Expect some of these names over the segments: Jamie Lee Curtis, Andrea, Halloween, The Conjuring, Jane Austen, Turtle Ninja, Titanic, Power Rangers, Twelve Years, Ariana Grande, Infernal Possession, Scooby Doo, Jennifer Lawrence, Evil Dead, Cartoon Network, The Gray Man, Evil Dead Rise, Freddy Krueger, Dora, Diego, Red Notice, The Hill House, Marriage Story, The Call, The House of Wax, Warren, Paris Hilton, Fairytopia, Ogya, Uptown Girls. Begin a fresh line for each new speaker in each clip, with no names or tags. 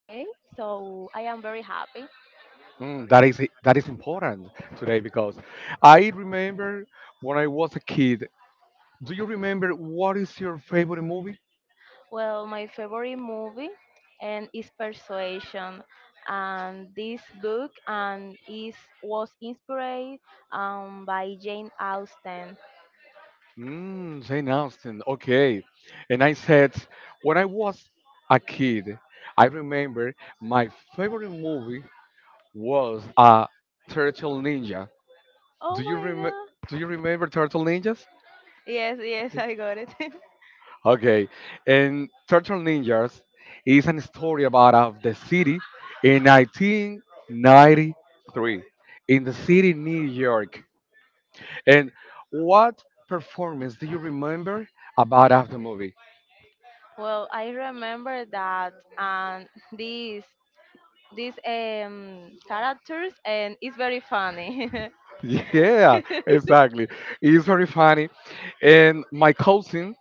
So I am very happy.
Mm, that is important today because I remember when I was a kid. Do you remember what is your favorite movie?
Well, my favorite movie and is Persuasion, and this book and is was inspired by Jane Austen.
Mm, Jane Austen. Okay, and I said when I was a kid, I remember my favorite movie was Turtle Ninja.
Oh
Do you
my
rem
God!
Do you remember Turtle Ninjas?
Yes, yes, I got it.
Okay, and Turtle Ninjas is a story about of the city in 1993 in the city New York. And what performance do you remember about of the movie?
Well, I remember that, and these these characters and it's very funny.
Yeah, exactly. It's very funny. And my cousin,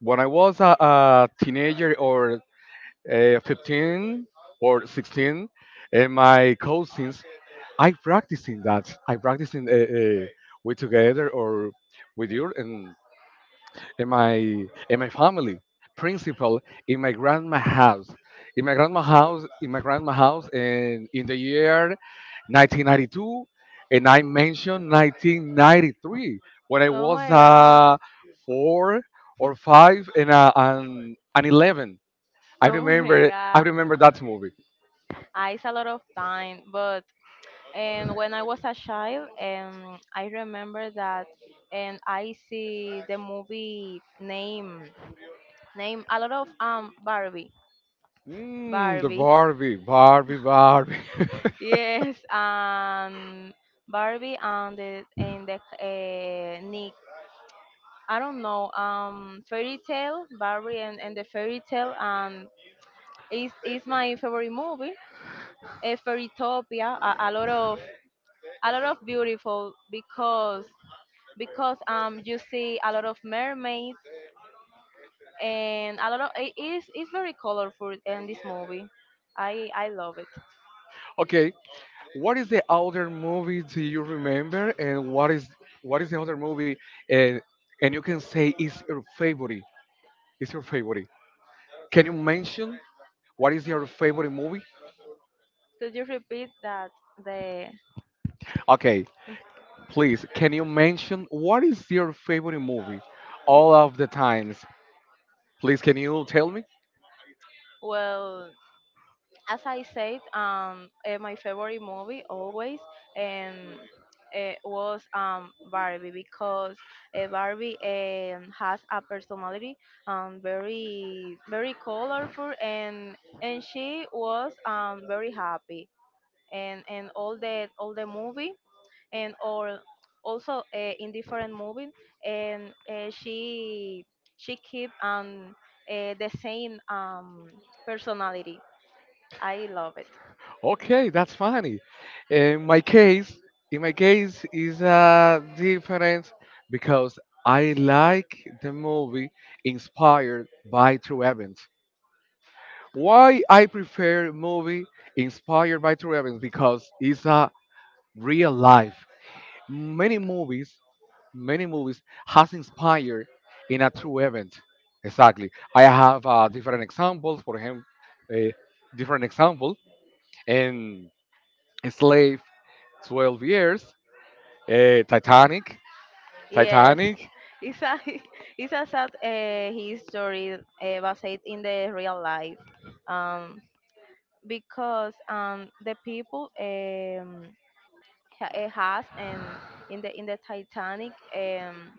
when I was a teenager or 15 or 16, and my cousins I practicing that. I practicing we together or with you and in my in my family. Principal in my grandma house. In my grandma house. In my grandma house. And in the year 1992, and I mentioned 1993 when I
Oh
was
my God.
four or five and and 11. I
Oh my
remember. I
God.
remember that movie.
I it's a lot of time, but and when I was a child, I remember that, and I see the movie name a lot of Barbie
Mm, the
Barbie.
Barbie, Barbie, Barbie.
Yes, Barbie and the Nick. I don't know. Fairy tale, Barbie and the fairy tale. And is my favorite movie. Fairytopia, a, a lot of a lot of beautiful, because you see a lot of mermaids and a lot of it's very colorful in this movie. I love it.
Okay, what is the other movie do you remember, and what is the other movie, and you can say is your favorite? Is your favorite? Can you mention what is your favorite movie?
Could you repeat that the
Okay, please. Can you mention what is your favorite movie, all of the times? Please, can you tell me?
well as I said, my favorite movie always um, was Barbie, because Barbie has a personality, very very colorful, and she was, very happy, and all the movie, and all also in different movies, and she keep, the same, personality. I love it.
Okay, that's funny. In my case, in my case is different because I like the movie inspired by true events. Why I prefer movie inspired by true events because it's a real life. Many movies, many movies has inspired in a true event. Exactly. I have different examples. For him, a different example in Slave, 12 Years, Titanic,
Yes,
Titanic.
it's a it's a sad history based in the real life, um, because, the people, has and in the Titanic, um,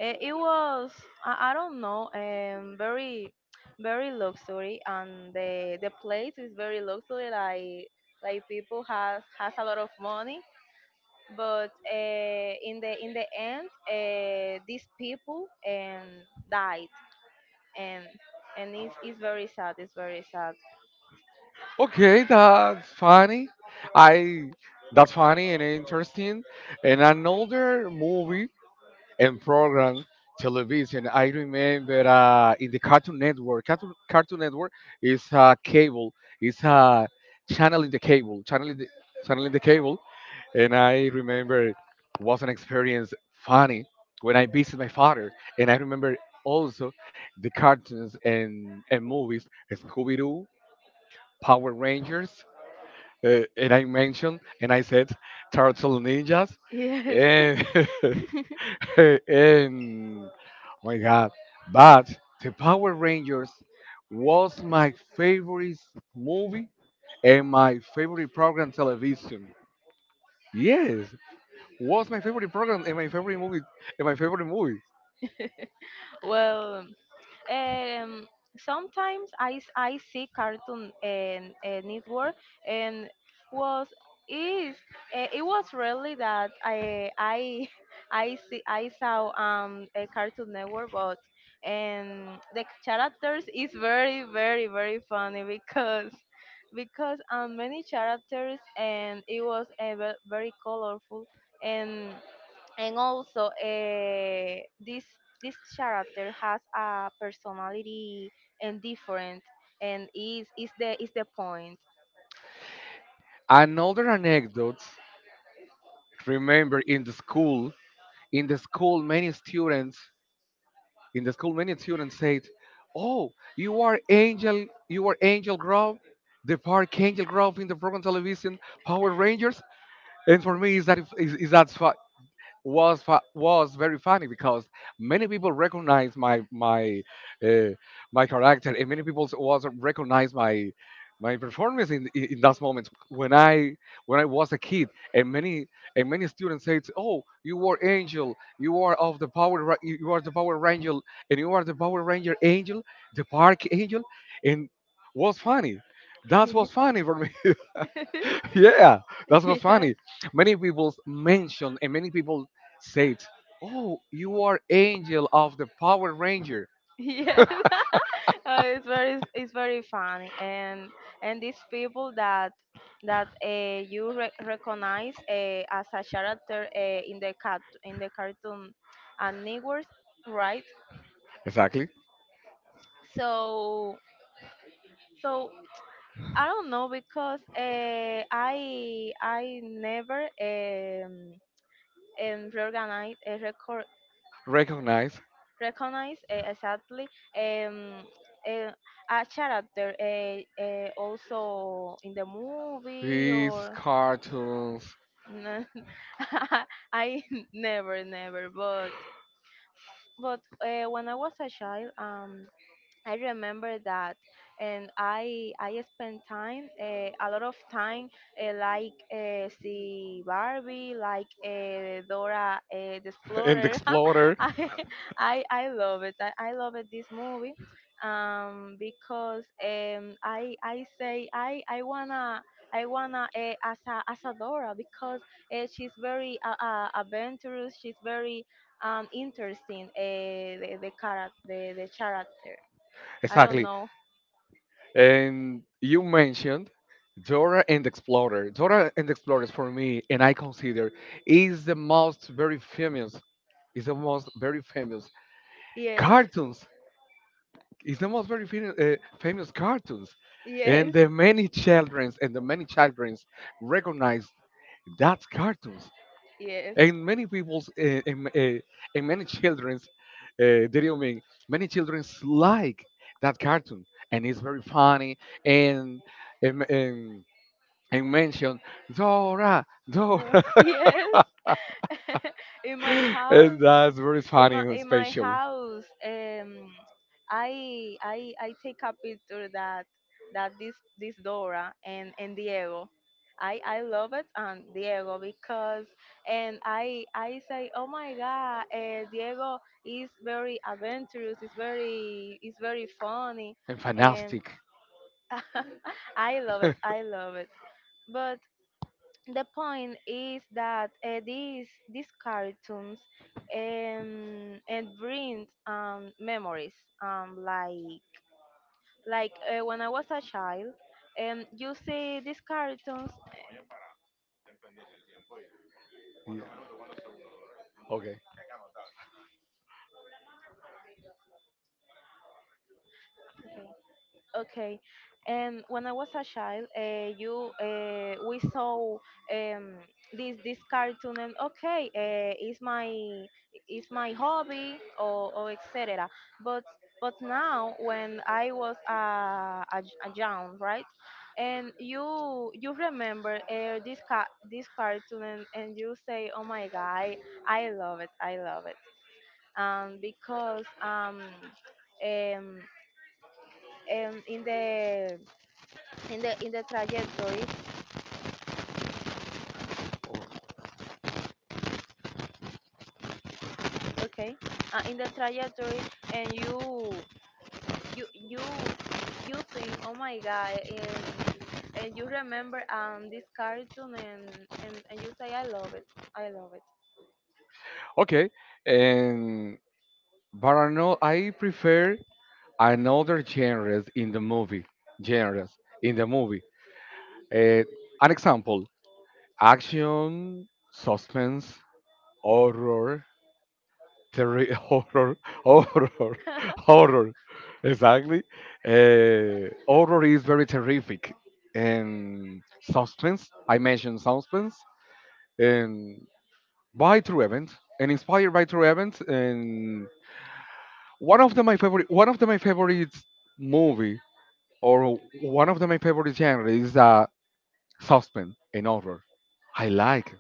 eh, it was I don't know, very very luxury, and the place is very luxury, like people has a lot of money, but in the end, these people and died, and it's very sad, it's very sad.
Okay, that's funny. I that's funny and interesting. And another movie and program television. I remember in the Cartoon Network. Cartoon Network is cable. It's channeling the cable, channeling the cable. And I remember it was an experience funny when I visited my father. And I remember also the cartoons and movies Scooby Doo, Power Rangers. And I mentioned, and I said, Turtle Ninjas.
Yes.
And and oh my god, but the Power Rangers was my favorite movie and my favorite program television, yes, was my favorite program and my favorite movie and my favorite movie.
Well Um, sometimes I see Cartoon and Network and was is eh, it was, really that I I saw a Cartoon Network, but and the characters is very very very funny because many characters, and it was a very colorful, and also this this character has a personality and different, and is the point.
Another anecdote, remember in the school, in the school many students in the school many students said, oh, you are Angel, you are Angel Grove, the Park Angel Grove in the program television Power Rangers. And for me, is that fu- was very funny because many people recognize my uh, my character, and many people was recognize my performance in in those moments when I was a kid, and many students said, "Oh, you were Angel, you are of the Power, you you are the Power Ranger, and you are the Power Ranger Angel, the Park Angel," and was funny. That was funny for me. Yeah, that's what's
Yeah.
funny. Many people mention and many people said, "Oh, you are Angel of the Power Ranger."
Yes. It's very funny, and these people that you recognize, as a character, in the cartoon and networks, right.
Exactly.
So so I don't know because, I never, reorganize record
Recognize
recognize, exactly, um uh, a character, also in the movie
these
or
cartoons.
n- I never, but when I was a child, I remember that, and I spent time uh, a lot of time, like, see Barbie, like, Dora, the
And
Explorer.
Explorer.
I, I love it. I love it this movie, because I say, I wanna. I wanna, as a Dora, because, she's very, adventurous. She's very, interesting. The character, the character. I don't
Exactly.
know.
And you mentioned Dora and Explorer. Dora and Explorer is for me, and I consider is the most very famous, is the most very famous
Yes.
cartoons. It's the most very famous, famous cartoons, and
Yes.
the many childrens recognize that cartoons,
Yes.
and many people's and many childrens, did you mean many childrens like that cartoon, and it's very funny and and and, and mention Dora,
No.
Dora,
Yes. In my house,
and that's very
in
funny
my
and
in my
special
house um I take a picture that, that this this Dora and Diego. I love it, and Diego, because, and I say, oh my God, Diego is very adventurous, is very, is very funny,
and
and
fantastic.
I love it, I love it, but the point is that, these cartoons, and brings memories, like, when I was a child, you see these cartoons.
Yeah. Okay.
Okay. Okay, and when I was a child, you we saw, um, this cartoon. And okay, it's my hobby, or etc. But but now, when I was a, a young, right, and you remember, this this cartoon, and you say, oh my God, I love it, because um um in the in the trajectory, okay, in the trajectory, and you you you think, oh my God, and you remember this cartoon, and and you say, I love it, I love it.
Okay. And but I know I prefer another genres in the movie. Genres in the movie. Eh, an example: action, suspense, horror, terri- horror, horror, horror. Exactly. Horror is very terrific, and suspense. I mentioned suspense and by true events and inspired by true events and one of the my favorite movie. Or one of the, my favorite genre is suspense and horror. I like.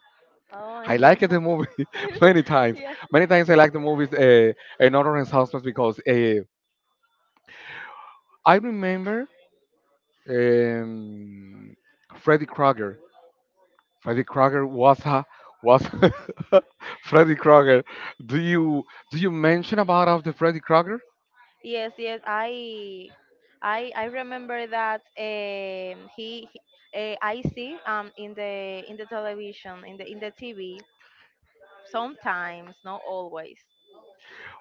Oh my
I like
God.
the movie many times.
Yeah.
Many times I like the movies in horror and suspense because I remember um, Freddy Krueger. Freddy Krueger was a was Freddy Krueger. Do you do you mention about of the Freddy Krueger?
Yes, yes. I remember that, he I see, in the television, in the TV. Sometimes, not always.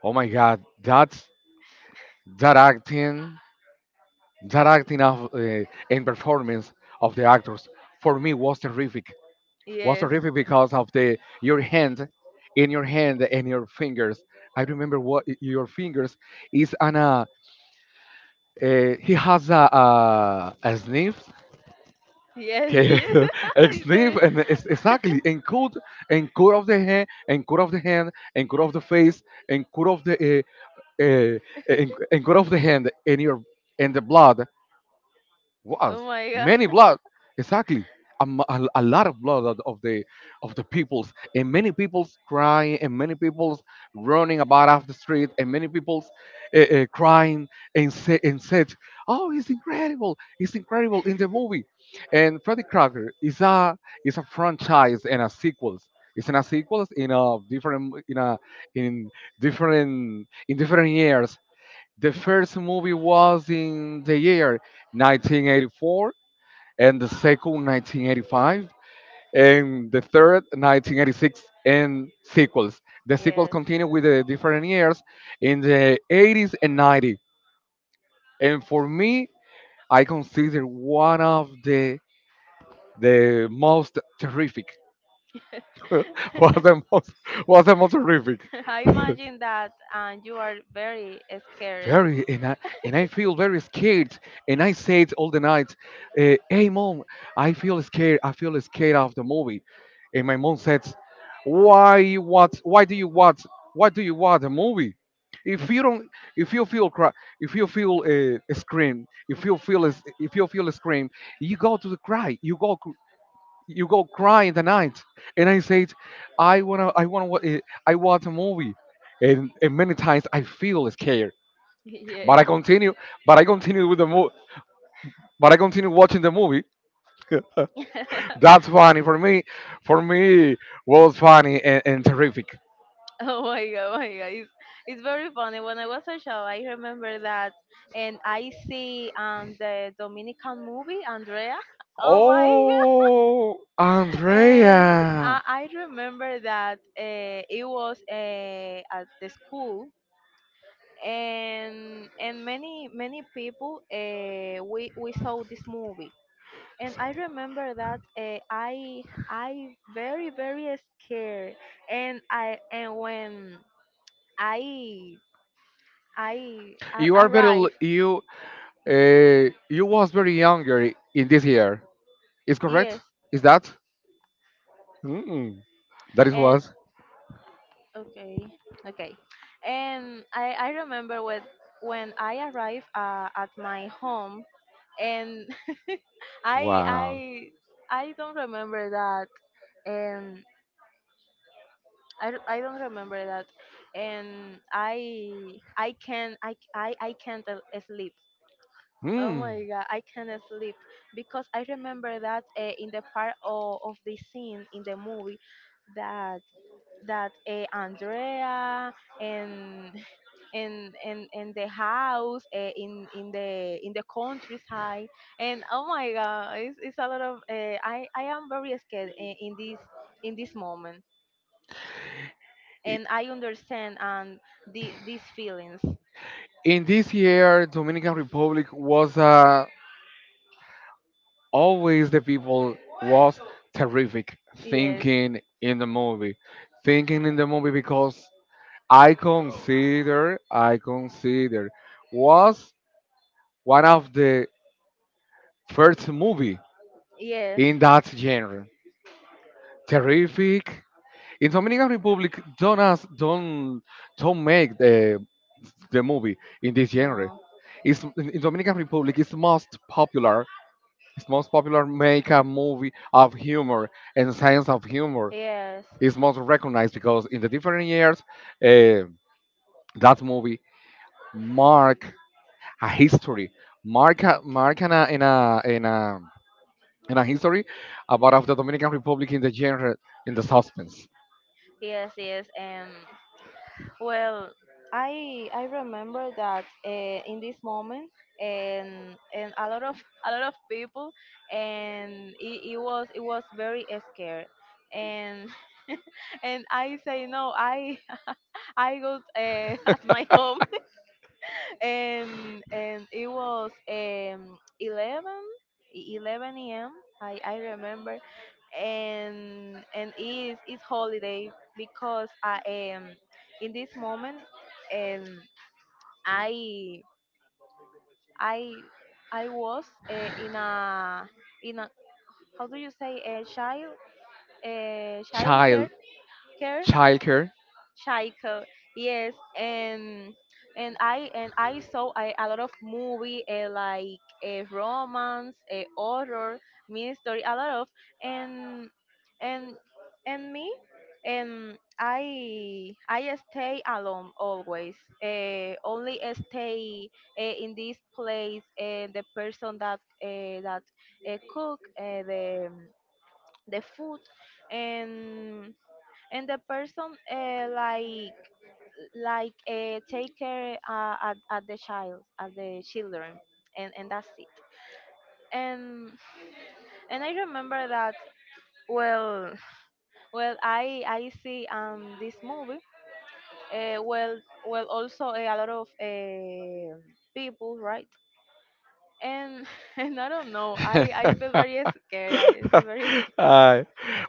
Oh my God, that acting. That acting of and performance of the actors for me was terrific. Was
Yes.
terrific because of the your hand, in your hand and your fingers. I remember what your fingers is an he has a sniff.
Yes,
Okay,
yes.
a
It's very.
sniff and it's exactly and could of the hand and could of the hand and could of the face and could of the uh, uh, and could of the hand and your and the blood
Oh
was
my God.
many blood exactly, a lot of blood of the peoples and many peoples crying and many peoples running about off the street and many peoples crying and say, and said, oh, it's incredible, it's incredible in the movie, and Freddy Krueger is a franchise and a sequels. It's in a sequels in different years. The first movie was in the year 1984, and the second 1985, and the third 1986, and sequels. The sequels
Yes.
continue with the different years in the 80s and 90s. And for me, I consider one of the most terrific was the most was the most terrific.
I imagine that, and you are very scared.
Very and I feel very scared and I said all the night, hey mom, I feel scared, I feel scared of the movie, and my mom says, why you watch why do you watch why do you watch a movie if you don't, if you feel cry, if you feel a scream, if you feel a s- if you feel a scream you go to the cry, you go cry in the night, and I said, I wanna I watch a movie, and many times I feel scared but I
Yes.
continue, but I continue with the movie. But I continue watching the movie. That's funny for me. For me, was funny and terrific.
Oh my God, oh my God. It's very funny. When I was a child, I remember that, and I see the Dominican movie, Andrea. Oh my.
Oh,
And
Andrea,
I remember that, it was, at the school, and many people, we saw this movie. And I remember that, I very very scared, and I and when I I a- arrived.
you you was very younger in this year. Is correct?
Yes.
Is that? Mm, that it
And.
was.
Okay. Okay. And I remember, when I arrived, at my home, and I I
Wow.
I don't remember that, and I don't remember that, and I can't, sleep. Oh
Hmm.
my God, I can't sleep, because I remember that, in the part of the scene in the movie, that that Andrea, and in the house, in the countryside. And oh my God, it's a lot of, I am very scared in this moment,
I-
and I understand and the these feelings.
in this year, Dominican Republic was a always the people was terrific
Yes,
thinking in the movie, thinking in the movie because I consider was one of the first movie
yes,
in that genre, terrific, in Dominican Republic. Don't ask, don't make the movie in this genre.
no.
It's in Dominican Republic. It's most popular, it's most popular make a movie of humor and science of humor,
Yes.
is most recognized because in the different years, uh, that movie mark a history, mark in a in a in a in a history about of the Dominican Republic in the genre, in the suspense,
Yes, yes. Well, I remember that, in this moment, and a lot of a lot of people, and it was very scared, and and I say no, I I go, at my home, and it was eleven 11 a.m. I remember, and it's holiday, because I am in this moment, um i i I was, uh, in a in a, how do you say, a child, child care
child
care
childcare.
Shaiko, yes, and I saw a lot of movie, like a romance, a horror, mystery, a lot of, and and and me, and I stay alone always. Only stay, in this place. The person that, cook, the food, and the person, like take care, at the children, and that's it. And and I remember that. Well well I see, this movie. uh, well well, also, a lot of, people, right. And and I don't know, I feel very scared, I feel very scared.
uh,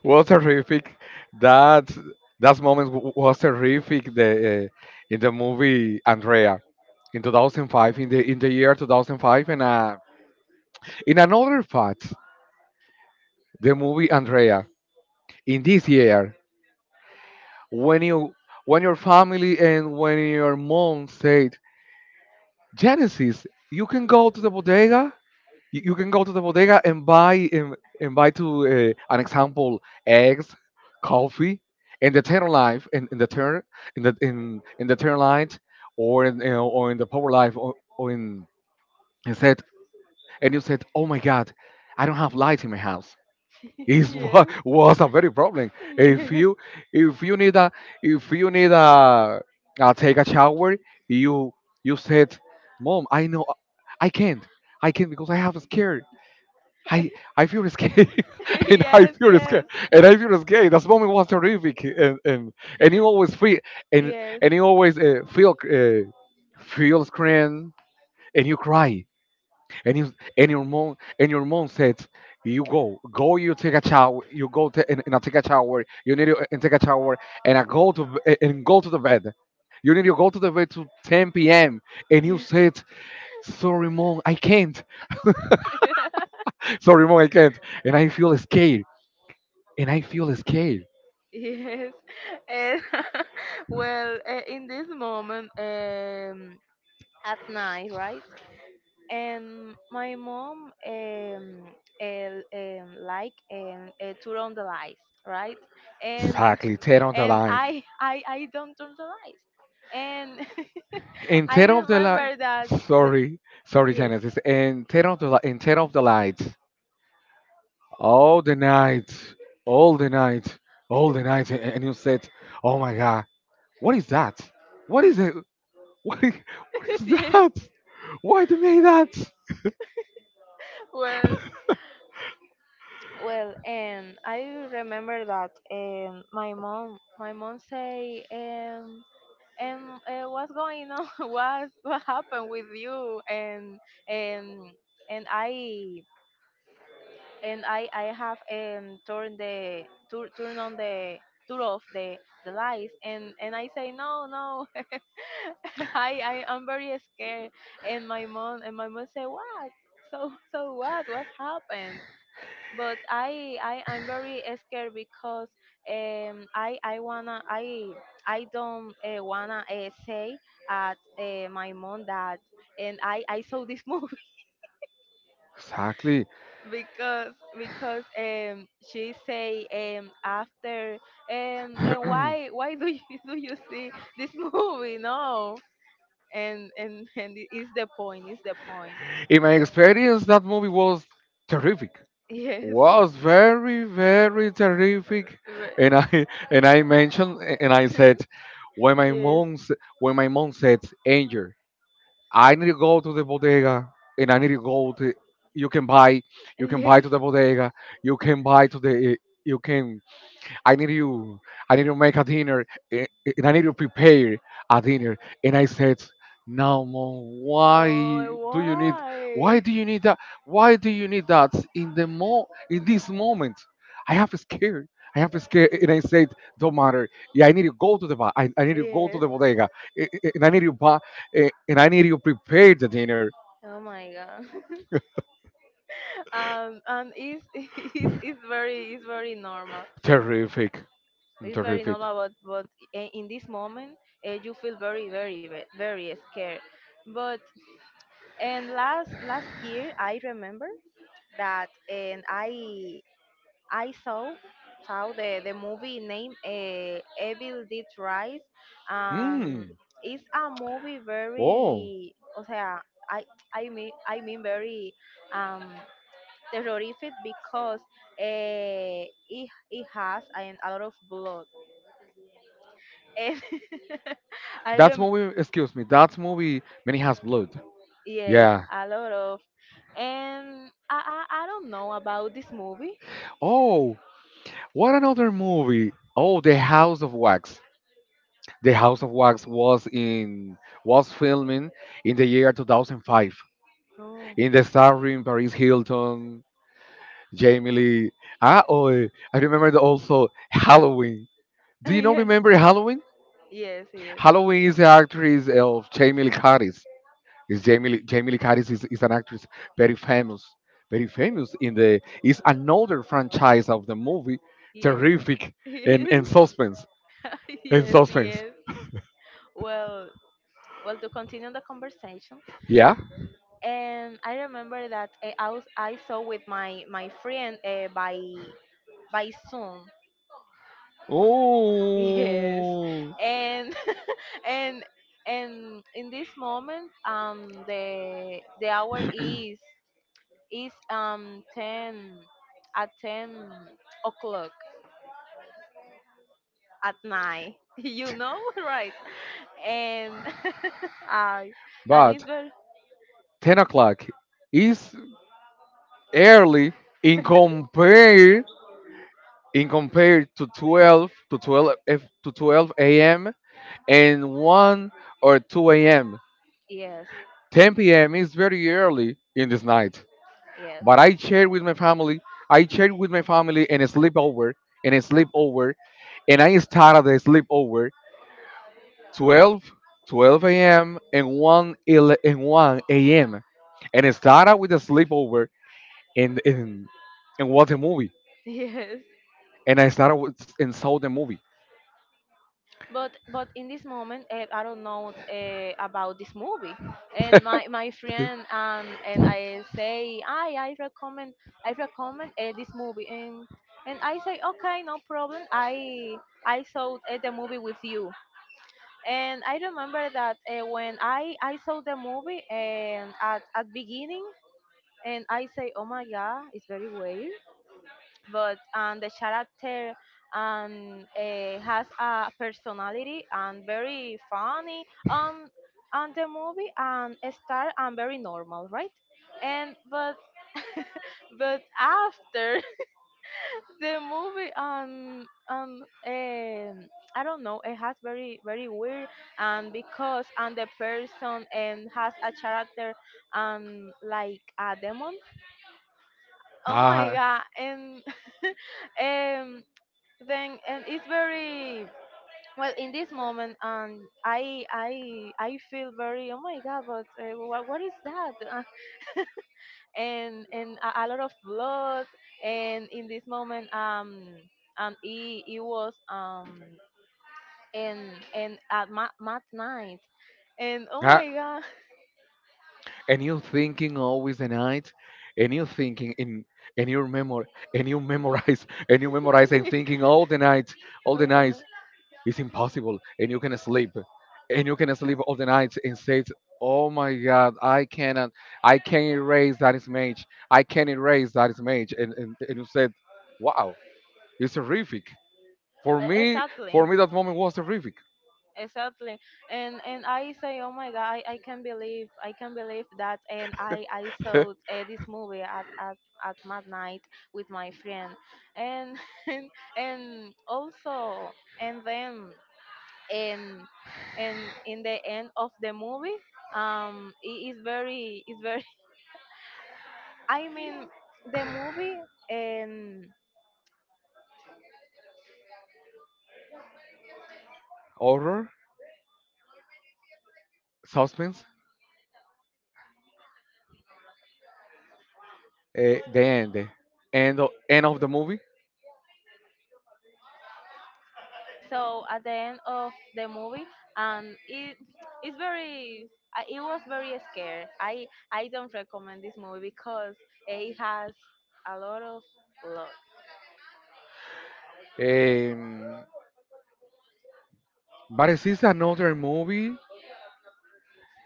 was terrific. That was terrific. The in the movie Andrea in 2005, in the year 2005 and in another part, the movie Andrea, in this year, when you, when your family and when your mom said, Genesis, you can go to the bodega, you can go to the bodega and buy and buy to an example eggs, coffee, and the turn life in the turn, in the turn light or in you know, or in the power life or in, and said, and you said, oh my god, I don't have light in my house. Is what
Yes.
was a very problem. If you if you need a, if you need a, a take a shower, you you said, "Mom, I know I can't, I can't because I have a scare. I I feel scared and I
Yes,
feel scared and I feel scared." That moment was terrific, and you always feel and
yes,
and you always feel scared, and you cry and you and your mom said, "You go you take a shower, you go and I take a shower, you need to and take a shower, and go to the bed. You need to go to the bed to 10 p.m." And you
yes.
said, "Sorry mom, I can't. Sorry mom, I can't, and I feel scared and I feel scared."
Yes. And well, in this moment, at night, right? And my mom, like, turn on the lights, right? And
Exactly, tear on the
and
life
I don't turn the lights. And
and
I
tear off the light.
remember that. that
Sorry,
yes.
Genesis, and tear off the lights all the night, all the night, all the night, and you said, "Oh my God, what is that? What is it? What is, what is
Yes.
that? Why they made that?"
Well. Well, and I remember that, my mom say, what's going on? What happened with you? And and I and I have turned the tur- turn on the turn off the lights, and I say no no I am very scared, and my mom say, what? So what happened? But I'm very scared, because um I I wanna I I don't, wanna, say at, my mom that, and I saw this movie.
Exactly.
because because, she say, after, and
In
why do you do you see this movie? No, and it is the point.
my experience, that movie was terrific,
Yes.
was very very terrific.
Ve-
And I And I mentioned, and I said when my
yes,
when my mom said, "Angel, I need to go to the bodega, and I need to go to. You can buy, you can buy
yes.
to the bodega, you can buy to the you can I need you. I need to make a dinner, eh, eh, and I need to prepare a dinner." And I said, "No, mom. Why
No,
do you need? Why
why?
do you need that? Why do you need that in the mo in this moment? I have scared. I have scared." And I said, "Don't matter. Yeah, I need to go to the I need to go to
Yes.
the bodega, eh, eh, and I need to buy, eh, and I need to prepare the dinner."
Oh my God. And it's very normal.
Terrific,
It's very
terrific.
normal, but in this moment, you feel very very very scared. But and last year, I remember that, and I saw the movie named, Evil Dead Rise. And
Hmm.
it's a movie
Oh,
very, o sea, I I mean very um terrorific because, it has and a lot of blood. And I
that
rem
movie. Excuse me. That movie. Many has blood.
yes,
Yeah.
a lot of. And I don't know about this movie.
Oh, what another movie? Oh, The House of Wax. The House of Wax was in was filming in the year 2005,
Oh.
in the starring Paris Hilton, Jamie Lee. Ah, oh, eh, I remember also Halloween. Do you not
Yeah.
remember Halloween?
Yes, yes.
Halloween is the actress of Jamie Lee Curtis. Is Jamie Lee Curtis is an actress very famous, very famous in the is another franchise of the movie,
Yes.
terrific
Yes.
and suspense and
Yes,
suspense.
yes. Well, well, to continue the conversation,
Yeah.
and I remember that, I saw with my friend, by Zoom. Yes,
Oh,
and and and in this moment, the hour is ten at 10 o'clock At night, right? And I and it's
but
very
10 o'clock is early in compare in compared to 12 F- to 12 a.m. and one or two a.m.
yes,
Ten p.m. is very early in this night.
yes.
But I shared with my family. I shared with my family and sleepover and a sleepover and I started the sleepover 12, 12 a.m. And 1 a.m., and I started with a sleepover and and watch a movie,
Yes,
and I started with, and saw the movie.
but in this moment, I don't know about this movie. And my friend and I say, I recommend this movie. And I say, okay, no problem. I saw the movie with you. And I remember that when I saw the movie, and at beginning, and I say, "Oh my God, it's very weird." But and the character, and has a personality, and very funny, um and the movie, and a star, and very normal, right? And but but after the movie, I don't know, it has very very weird, and because, and the person, and has a character, like a demon. Oh my
Ah,
god! And um, then and it's very well in this moment. And I feel very, oh my god! But what is that? And a lot of blood. And in this moment, it was, and at mat night. And oh
ah,
my god!
and you thinking always the night, and you thinking in and you remember and you memorize and you memorize and thinking all the night, all
All
the
the
night.
night.
It's impossible. And you can sleep. And you can sleep all the nights and say, "Oh my God, I cannot, I can't erase that image. I can't erase that image." And, and you said, "Wow, it's horrific." For me,
Exactly.
for me, that moment was horrific.
Exactly. And I say, oh my god, I can believe, that. And I saw this movie, at midnight, with my friend, and and, and also, and then, and and in the end of the movie, it's very. I mean, the movie, and
Horror, suspense, the end, end of the movie.
so at the end of the movie, and it's very it was very scary. I don't recommend this movie because it has a lot of blood.
Um, but it is another movie.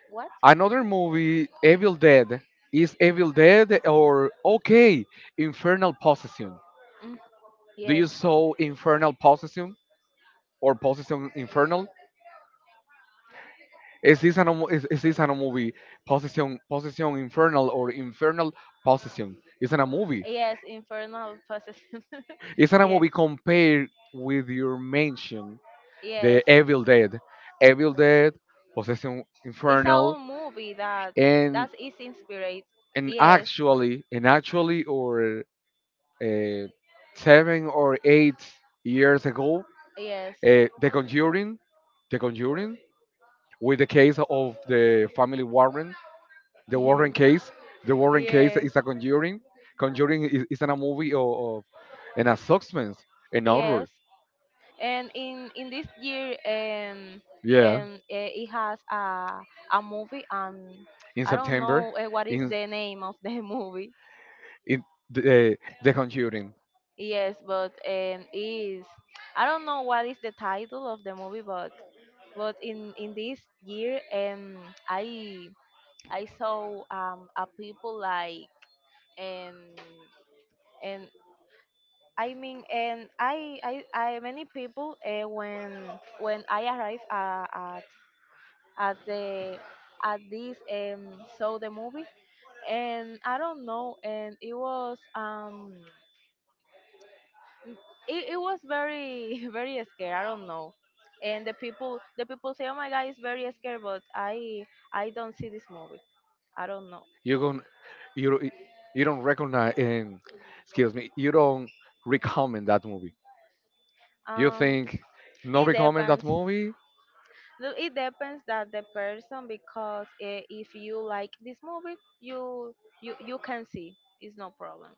What?
Another movie, Evil Dead. Is Evil Dead or okay? Infernal Possession.
Mm,
Do you
yes.
saw Infernal Possession or Possession Infernal? Is this is this an a movie? Possession Infernal or Infernal Possession? It's an a movie.
Yes, Infernal Possession.
It's an a
Yes.
movie compared with your mention,
Yes,
the Evil Dead, Evil Dead, Possession
it's an
Infernal,
old movie that
and
is inspired. Yes,
and actually or uh, 7 or 8 years ago,
yes.
The Conjuring, The Conjuring with the case of the family Warren, the Warren case. The Warren case
Yes.
is a conjuring. Conjuring is in a movie of and a substance, an horror.
Yes, and in this year,
Yeah,
it has a movie.
in
I don't
September,
know what is
in
the name of the movie.
in the eh, the conjuring,
Yes, but is I don't know what is the title of the movie, but in this year, I I saw, a people like, and and I mean, and many people, when I arrived, at the at this, saw the movie, and I don't know, and it was, it was very, very scary, I don't know. And the people, say, oh my god, it's very scary, but I don't see this movie. I don't know.
you gon you don't- you don't recognize. Excuse me, you don't recommend that movie. You
um
think not
it
recommend that
depends.
movie?
No, it depends that the person, because if you like this movie, you can see, it's no problem.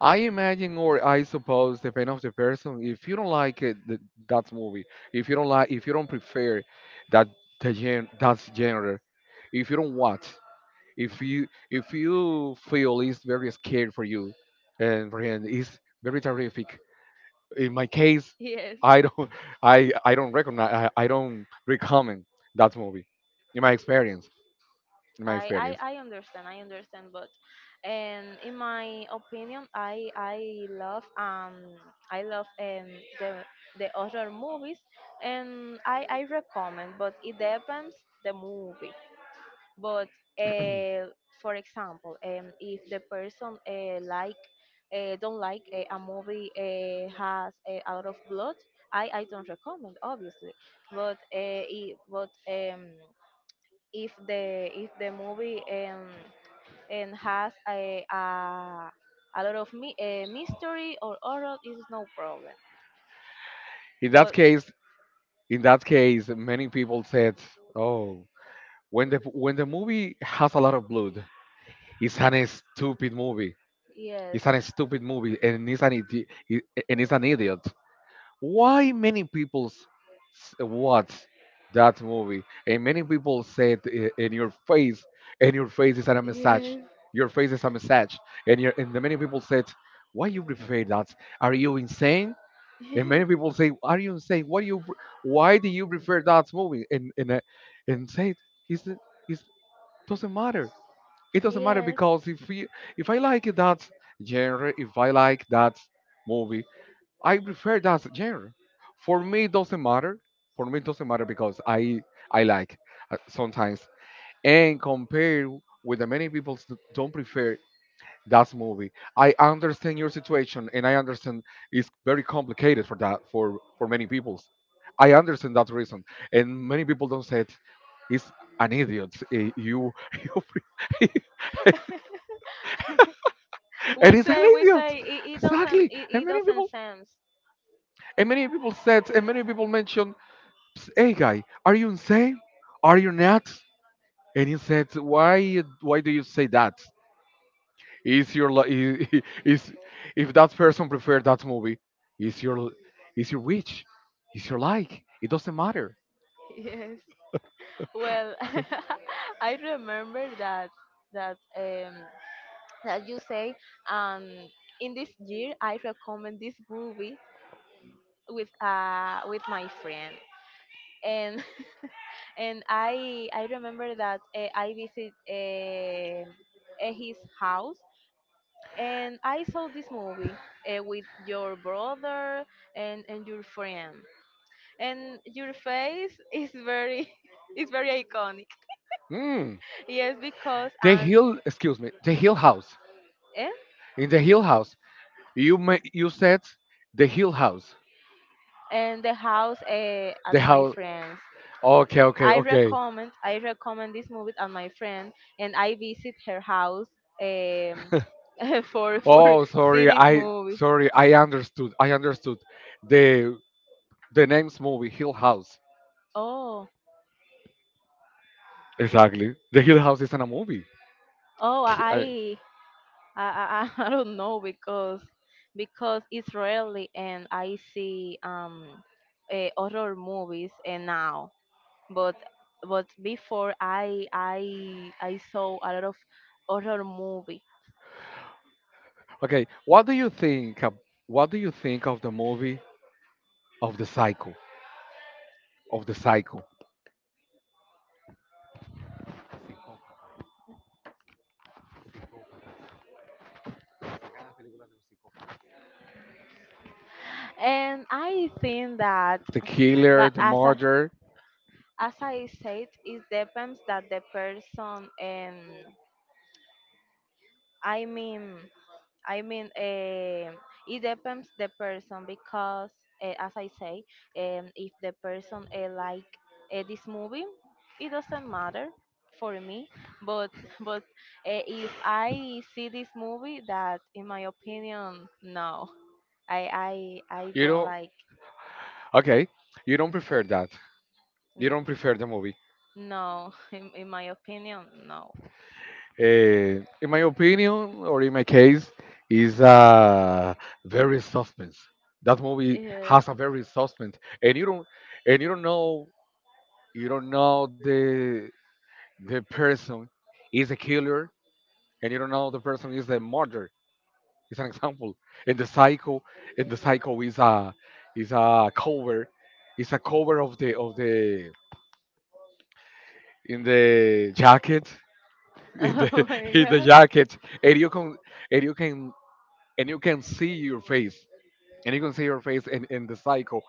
I imagine, or I suppose, depending on the person, if you don't like it, that movie, if you don't like, if you don't prefer that that genre, if you don't watch, if you feel it's very scary for you, and for him, it's very terrific. In my case,
Yes.
I don't, I don't recognize, I don't recommend that movie. In my experience, in my
I,
experience,
I understand, but and in my opinion, I love, I love um the horror movies, and I recommend, but it depends the movie. But uh, for example, if the person, don't like a movie, has out of blood, I don't recommend, obviously, but but if the movie, and has a lot of mystery or horror, is no problem.
in
In
that
that But case.
case, in that case, many people said, "Oh, when the movie has a lot of blood, it's an stupid movie.
Yes,
It's an stupid movie, and it's and it's an idiot. Why many watch that movie?" And many people said in your face, and your face is a message.
yes.
Your face is a message, and your and the many people said, "Why you prefer that? Are you insane?" And many people say, "Are you insane? Why do you prefer that movie?" And said, is it is doesn't matter, it doesn't matter
Yes.
because if we, if I like that genre, if I like that movie, I prefer that genre. For me, it doesn't matter. For me, it doesn't matter because I like sometimes and compare with the many people that don't prefer that movie. I understand your situation and I understand it's very complicated for that for many people. I understand that reason, and many people don't say it. It's an idiot. Eh, you, you, pre- it is an
We
idiot.
say
Exactly.
it, it doesn't sense.
And many people said and many people mentioned, "Ps- hey guy, are you insane? Are you nuts?" And he said, Why do you say that? Is your li- is if that person preferred that movie, is your is your wish? Is your like? It doesn't matter."
Yes. Well, I remember that that um you say, um in this year I recommend this movie with my friend, and and I remember that I visit his house, and I saw this movie with your brother, and your friend, and your face is very, is very iconic.
Hmm.
Yes, because
The Hill Excuse me, the Hill House. In the Hill House, you may, you said the Hill House.
and the house, at
The
my
house,
friends.
okay, okay, okay.
I recommend this movie at my friend, and I visit her house, um, for
Oh,
see
sorry.
this
I
movie.
Sorry. I understood. I understood. The name's movie Hill House.
Oh,
Exactly. The Hill House isn't a movie.
oh,
K- I-
I I don't know, because it's rarely, and I see, horror movies, and now, but before, I saw a lot of horror movie.
Okay. What do you think? What do you think of the movie of the cycle of the cycle?
And I think that
The killer,
that
the
as I,
murder.
as I said, it depends that the person, and I mean I mean, it depends the person, because as I say, if the person like this movie, it doesn't matter for me. But but if I see this movie, that in my opinion, no, I
You
don't
know.
like.
Okay. You don't prefer that. You
N-
don't prefer the movie.
No, in my opinion, no.
In my opinion, or in my case, is very suspense. That movie
Yes.
has a very suspense, and you don't know the person is a killer, and you don't know the person is a murderer. It's an example, and the psycho, and the psycho is a cover, is a cover of the in the jacket, in
Oh
the
my
in the
god.
jacket, and you can and you can and you can see your face and you can see your face in the cycle,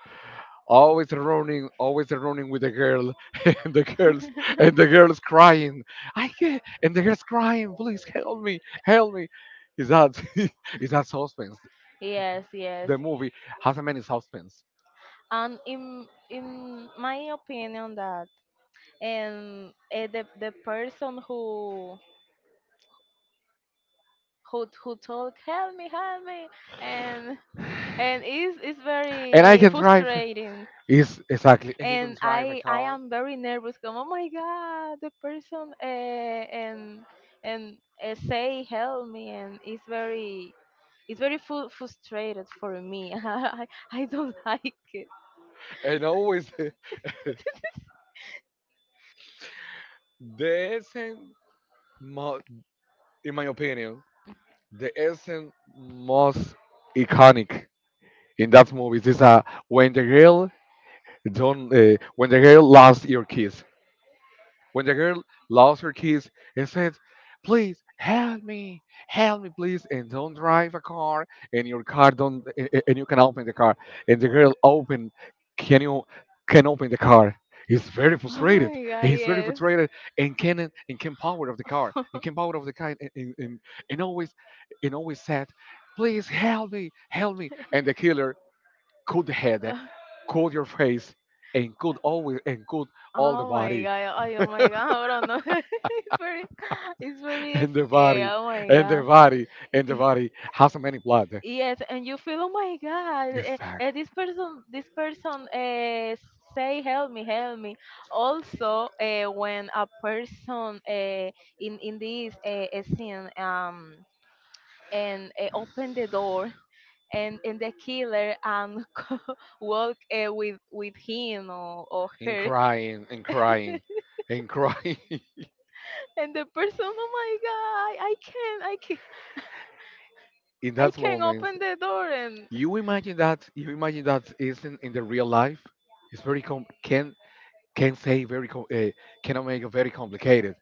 always running, always running with the girl, and the girls and the girls crying, "I can't," and the girls crying, "Please help me, help me!" Is that is that suspense.
Yes, yes.
The movie has a many suspense,
And in my opinion, that, and the person who, told, help me, and
and
and is
I
very
can drive
frustrating.
is exactly, and you can
And
drive a
I
car,
am very nervous. Come, oh my God, the person, and say help me, and it's very frustrated for me. I don't like it.
and always, the essence, mo- in my opinion, the essence most iconic in that movie. This when the girl don't when the girl lost your kiss. When the girl lost her kiss and said, "Please help me, please," and don't drive a car, and your car don't, and you can open the car, and the girl open, can you can open the car. He's very
Oh
frustrated.
my God,
He's very
yes.
frustrated and can power of the car and can power of the car and, and always, and always said, "Please help me, help me!" And the killer could head, cool your face, and cool always, and cool all the
Oh my
body
god, ay, oh my god, bro, no. It's very
and the
scary,
body
oh my
and the
god.
body and the body has so many blood.
Yes, and you feel, oh my God,
Exactly.
this person, say, help me, help me. Also, when a person, in this, scene, and open the door, and the killer, and walk, with him, or
And
her,
crying and crying and crying.
and the person, oh my God, I can't,
In
I
that
can
moment,
open the door, and
you imagine that, you imagine that isn't in the real life. It's very can say very cannot make it very complicated.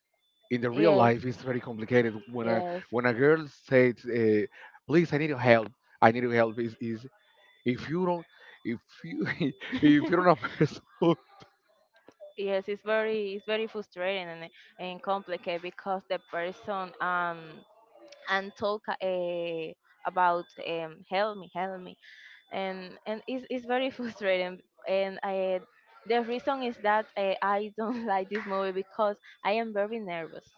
In the real
yes,
life it's very complicated
yes.
when a girl says "Please, I need your help, I need your help," is if you don't, if you if you're not a person
Yes, it's very, frustrating, and complicated, because the person, and talk about, help me, help me, and it's very frustrating. And I The reason is that I don't like this movie, because I am very nervous.